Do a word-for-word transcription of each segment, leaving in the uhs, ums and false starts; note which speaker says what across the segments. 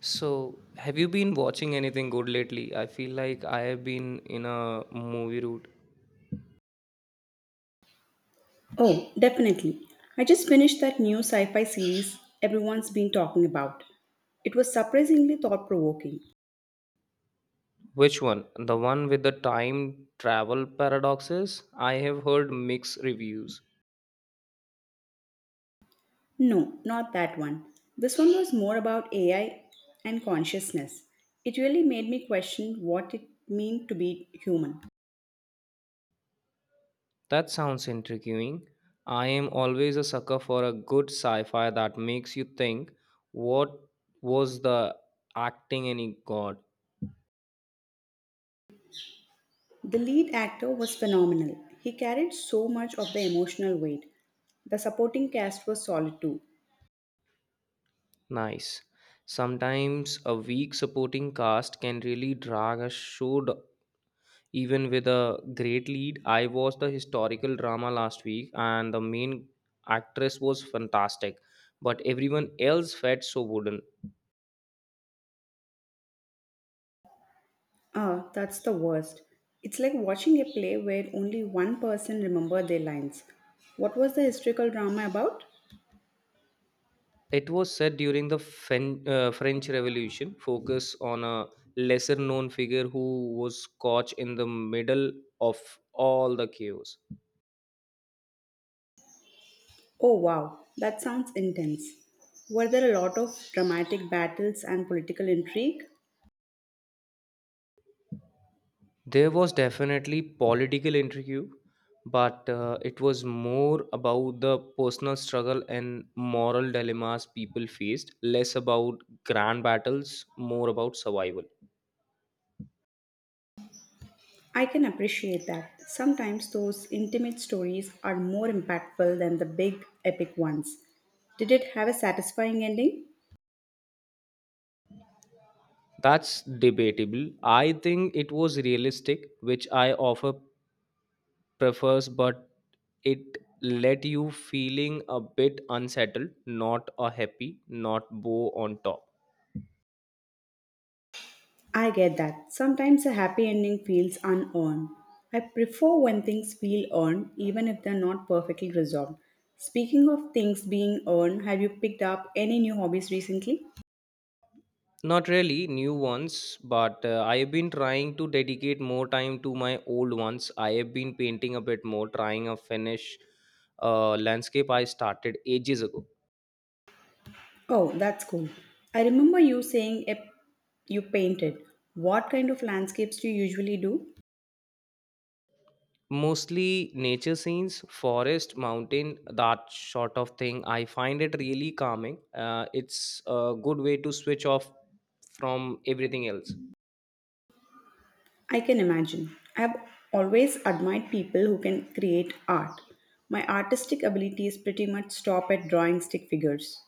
Speaker 1: So, have you been watching anything good lately? I feel like I have been in a movie route.
Speaker 2: Oh, definitely. I just finished that new sci fi series everyone's been talking about. It was surprisingly thought provoking.
Speaker 1: Which one? The one with the time travel paradoxes? I have heard mixed reviews.
Speaker 2: No, not that one. This one was more about A I and consciousness. It really made me question what it means to be human.
Speaker 1: That sounds intriguing. I am always a sucker for a good sci-fi that makes you think, what was the acting any god?
Speaker 2: The lead actor was phenomenal. He carried so much of the emotional weight. The supporting cast was solid too.
Speaker 1: Nice. Sometimes a weak supporting cast can really drag a show d- even with a great lead, I watched the historical drama last week and the main actress was fantastic, but everyone else felt so wooden.
Speaker 2: Ah, that's the worst. It's like watching a play where only one person remembered their lines. What was the historical drama about?
Speaker 1: It was set during the Fen- uh, French Revolution, focus on a lesser known figure who was caught in the middle of all the chaos.
Speaker 2: Oh wow, that sounds intense. Were there a lot of dramatic battles and political intrigue?
Speaker 1: There was definitely political intrigue, but uh, it was more about the personal struggle and moral dilemmas people faced, less about grand battles, more about survival.
Speaker 2: I can appreciate that. Sometimes those intimate stories are more impactful than the big epic ones. Did it have a satisfying ending?
Speaker 1: That's debatable. I think it was realistic, which I offer prefers, but it let you feeling a bit unsettled, not a happy, not bow on top.
Speaker 2: I get that. Sometimes a happy ending feels unearned. I prefer when things feel earned, even if they're not perfectly resolved. Speaking of things being earned, have you picked up any new hobbies recently?
Speaker 1: Not really new ones, but uh, I have been trying to dedicate more time to my old ones. I have been painting a bit more, trying a finish uh, landscape I started ages ago.
Speaker 2: Oh, that's cool. I remember you saying a- you painted. What kind of landscapes do you usually do?
Speaker 1: Mostly nature scenes, forest, mountain, that sort of thing. I find it really calming. Uh, it's a good way to switch off from everything else.
Speaker 2: I can imagine. I've always admired people who can create art. My artistic abilities pretty much stop at drawing stick figures.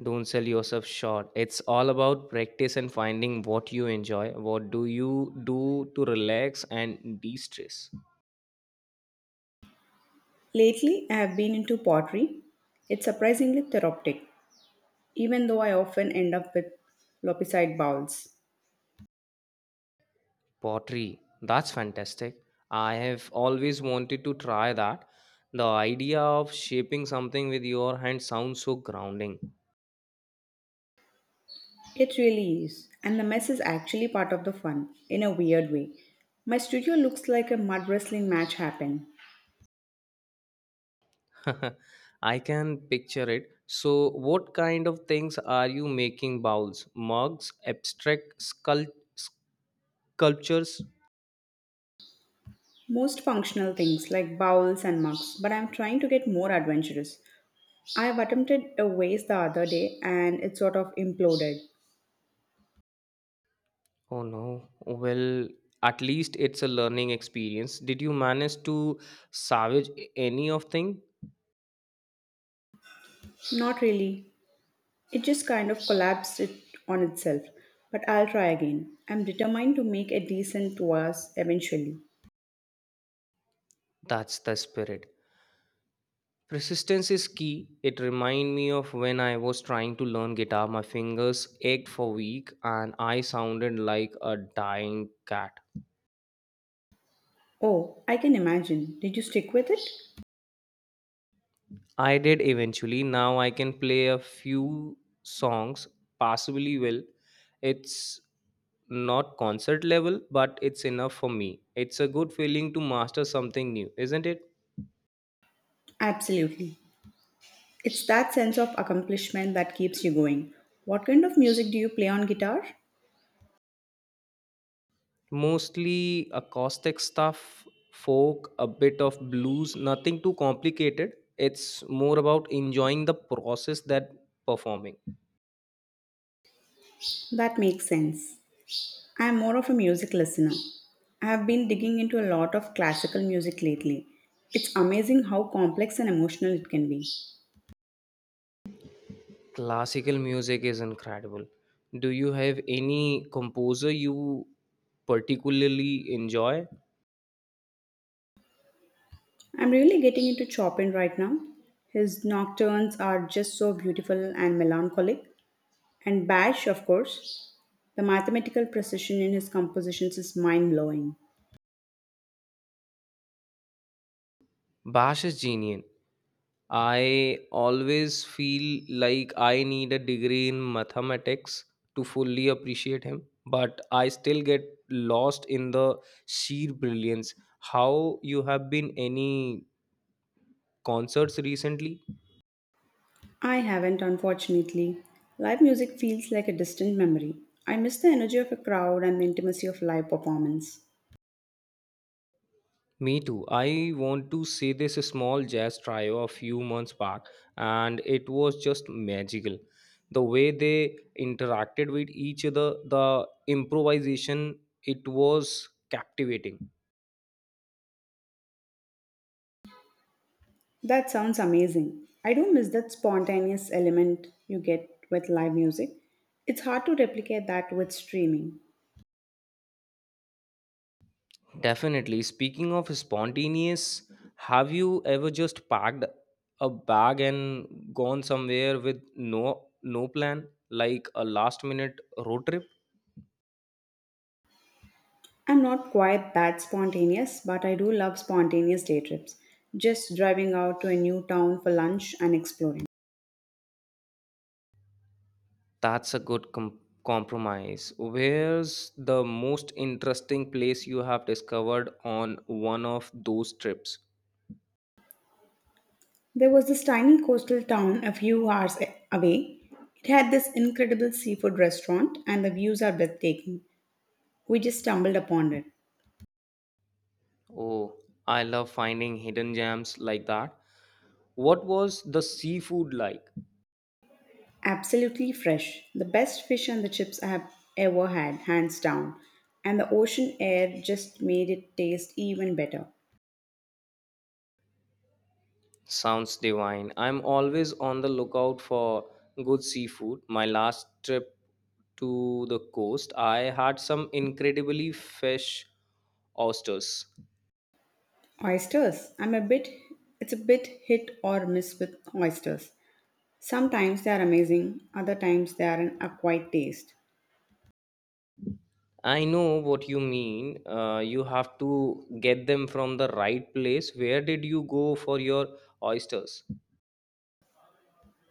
Speaker 1: Don't sell yourself short. It's all about practice and finding what you enjoy. What do you do to relax and de stress?
Speaker 2: Lately, I have been into pottery. It's surprisingly therapeutic, even though I often end up with lopsided bowls.
Speaker 1: Pottery. That's fantastic. I have always wanted to try that. The idea of shaping something with your hand sounds so grounding.
Speaker 2: It really is, and the mess is actually part of the fun, in a weird way. My studio looks like a mud wrestling match happened.
Speaker 1: I can picture it. So, what kind of things are you making bowls, mugs, abstract sculpt- sculptures?
Speaker 2: Most functional things like bowls and mugs, but I'm trying to get more adventurous. I've attempted a vase the other day and it sort of imploded.
Speaker 1: Oh no. Well, at least it's a learning experience. Did you manage to salvage any of thing?
Speaker 2: Not really, it just kind of collapsed it on itself. But I'll try again. I'm determined to make a decent vase eventually.
Speaker 1: That's the spirit. Persistence is key. It remind me of when I was trying to learn guitar. My fingers ached for week and I sounded like a dying cat.
Speaker 2: Oh, I can imagine. Did you stick with it?
Speaker 1: I did eventually. Now I can play a few songs passably well. It's not concert level, but it's enough for me. It's a good feeling to master something new, isn't it?
Speaker 2: Absolutely. It's that sense of accomplishment that keeps you going. What kind of music do you play on guitar?
Speaker 1: Mostly acoustic stuff, folk, a bit of blues, nothing too complicated. It's more about enjoying the process that performing.
Speaker 2: That makes sense. I am more of a music listener. I have been digging into a lot of classical music lately. It's amazing how complex and emotional it can be.
Speaker 1: Classical music is incredible. Do you have any composer you particularly enjoy?
Speaker 2: I'm really getting into Chopin right now. His nocturnes are just so beautiful and melancholic. And Bach, of course, the mathematical precision in his compositions is mind blowing.
Speaker 1: Bash is genius. I always feel like I need a degree in mathematics to fully appreciate him, but I still get lost in the sheer brilliance. How you have been any concerts recently?
Speaker 2: I haven't, unfortunately. Live music feels like a distant memory. I miss the energy of a crowd and the intimacy of live performance.
Speaker 1: Me too. I want to see this small jazz trio a few months back, and it was just magical. The way they interacted with each other, the improvisation, it was captivating.
Speaker 2: That sounds amazing. I do miss that spontaneous element you get with live music. It's hard to replicate that with streaming.
Speaker 1: Definitely. Speaking of spontaneous, have you ever just packed a bag and gone somewhere with no no plan, like a last minute road trip?
Speaker 2: I'm not quite that spontaneous, but I do love spontaneous day trips. Just driving out to a new town for lunch and exploring.
Speaker 1: That's a good com- compromise. Where's the most interesting place you have discovered on one of those trips?
Speaker 2: There was this tiny coastal town a few hours a- away. It had this incredible seafood restaurant, and the views are breathtaking. We just stumbled upon it.
Speaker 1: Oh, I love finding hidden gems like that. What was the seafood like?
Speaker 2: Absolutely fresh. The best fish and the chips I have ever had, hands down. And the ocean air just made it taste even better.
Speaker 1: Sounds divine. I'm always on the lookout for good seafood. My last trip to the coast, I had some incredibly fresh oysters.
Speaker 2: Oysters. I'm a bit, it's a bit hit or miss with oysters. Sometimes they are amazing, other times they are an acquired taste.
Speaker 1: I know what you mean. Uh, you have to get them from the right place. Where did you go for your oysters?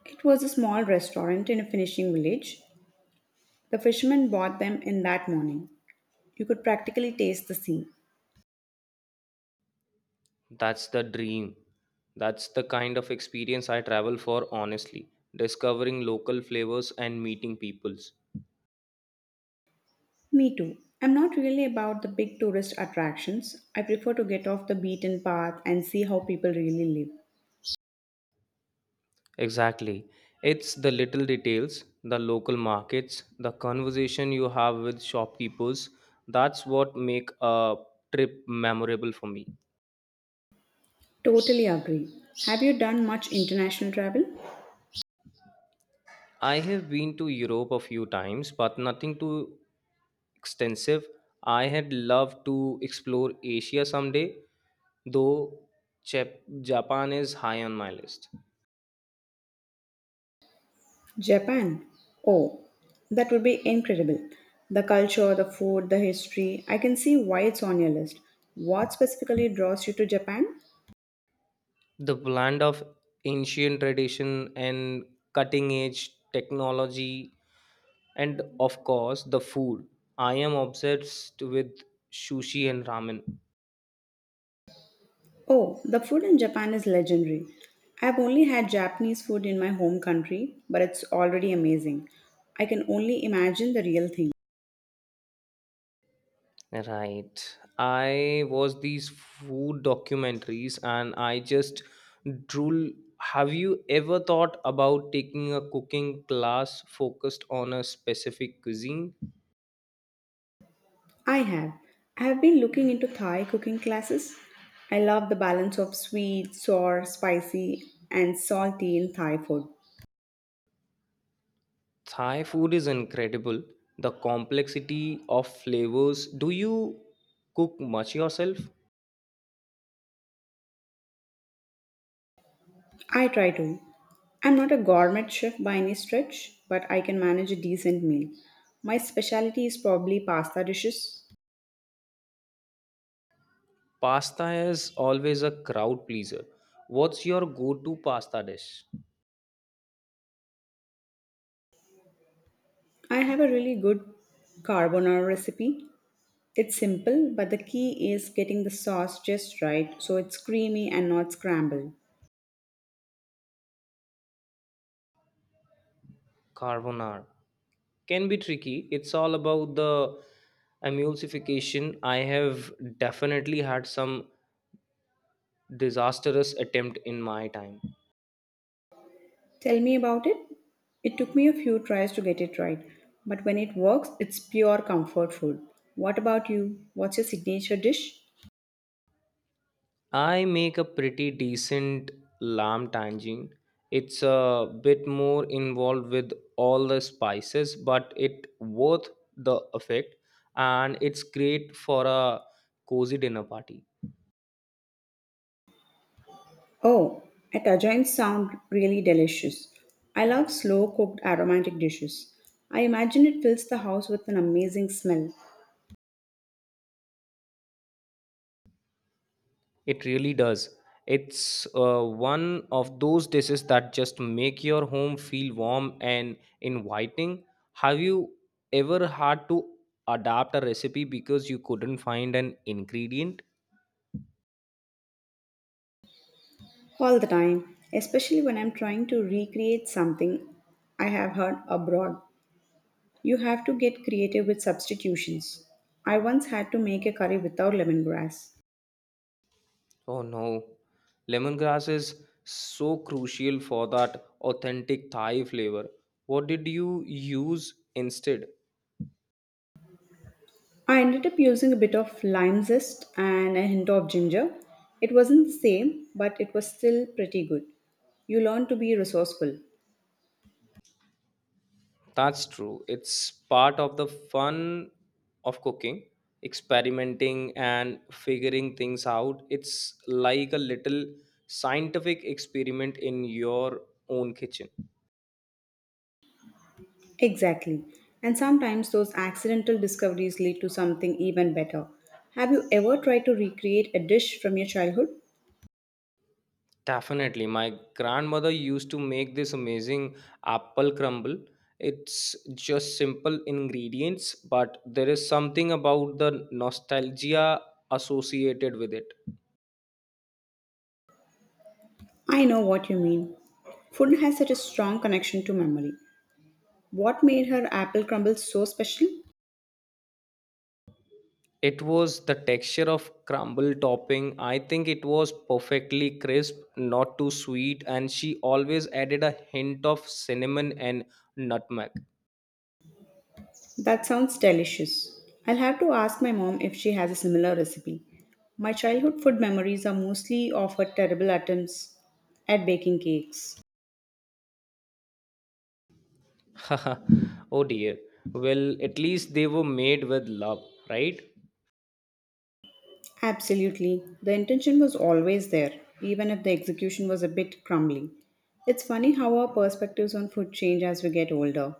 Speaker 2: It was a small restaurant in a fishing village. The fishermen bought them in that morning. You could practically taste the sea.
Speaker 1: That's the dream. That's the kind of experience I travel for, honestly. Discovering local flavors and meeting peoples.
Speaker 2: Me too. I'm not really about the big tourist attractions. I prefer to get off the beaten path and see how people really live.
Speaker 1: Exactly. It's the little details, the local markets, the conversation you have with shopkeepers. That's what make a trip memorable for me.
Speaker 2: Totally agree. Have you done much international travel?
Speaker 1: I have been to Europe a few times, but nothing too extensive. I had loved to explore Asia someday, though Jap- Japan is high on my list.
Speaker 2: Japan. Oh, that would be incredible. The culture, the food, the history. I can see why it's on your list. What specifically draws you to Japan?
Speaker 1: The blend of ancient tradition and cutting edge technology. And of course, the food. I am obsessed with sushi and ramen.
Speaker 2: Oh, the food in Japan is legendary. I've only had Japanese food in my home country, but it's already amazing. I can only imagine the real thing.
Speaker 1: Right. I watch these food documentaries and I just drool. Have you ever thought about taking a cooking class focused on a specific cuisine?
Speaker 2: I have. I have been looking into Thai cooking classes. I love the balance of sweet, sour, spicy, and salty in Thai food.
Speaker 1: Thai food is incredible. The complexity of flavors. Do you cook much yourself?
Speaker 2: I try to. I'm not a gourmet chef by any stretch, but I can manage a decent meal. My specialty is probably pasta dishes.
Speaker 1: Pasta is always a crowd pleaser. What's your go to pasta dish?
Speaker 2: I have a really good carbonara recipe. It's simple, but the key is getting the sauce just right so it's creamy and not scrambled.
Speaker 1: Carbonara. Can be tricky. It's all about the emulsification. I have definitely had some disastrous attempt in my time.
Speaker 2: Tell me about it. It took me a few tries to get it right, but when it works, it's pure comfort food. What about you? What's your signature dish?
Speaker 1: I make a pretty decent lamb tangine. It's a bit more involved with all the spices, but it worth the effect and it's great for a cozy dinner party.
Speaker 2: Oh, at Ajayans sound really delicious. I love slow cooked aromatic dishes. I imagine it fills the house with an amazing smell
Speaker 1: It really does. It's uh, one of those dishes that just make your home feel warm and inviting. Have you ever had to adapt a recipe because you couldn't find an ingredient?
Speaker 2: all the time, especially when I'm trying to recreate something I have heard abroad. You have to get creative with substitutions. I once had to make a curry without lemongrass.
Speaker 1: Oh no. Lemongrass is so crucial for that authentic Thai flavor. What did you use instead?
Speaker 2: I ended up using a bit of lime zest and a hint of ginger. It wasn't the same, but it was still pretty good. You learn to be resourceful.
Speaker 1: That's true. It's part of the fun of cooking, experimenting and figuring things out. It's like a little scientific experiment in your own kitchen.
Speaker 2: Exactly. And sometimes those accidental discoveries lead to something even better. Have you ever tried to recreate a dish from your childhood?
Speaker 1: Definitely. My grandmother used to make this amazing apple crumble. It's just simple ingredients, but there is something about the nostalgia associated with it.
Speaker 2: I know what you mean. Food has such a strong connection to memory. What made her apple crumble so special?
Speaker 1: It was the texture of crumble topping. I think it was perfectly crisp, not too sweet, and she always added a hint of cinnamon and nutmeg.
Speaker 2: That sounds delicious. I'll have to ask my mom if she has a similar recipe. My childhood food memories are mostly of her terrible attempts at baking cakes.
Speaker 1: Oh dear. Well, at least they were made with love, right?
Speaker 2: Absolutely. The intention was always there, even if the execution was a bit crumbly. It's funny how our perspectives on food change as we get older.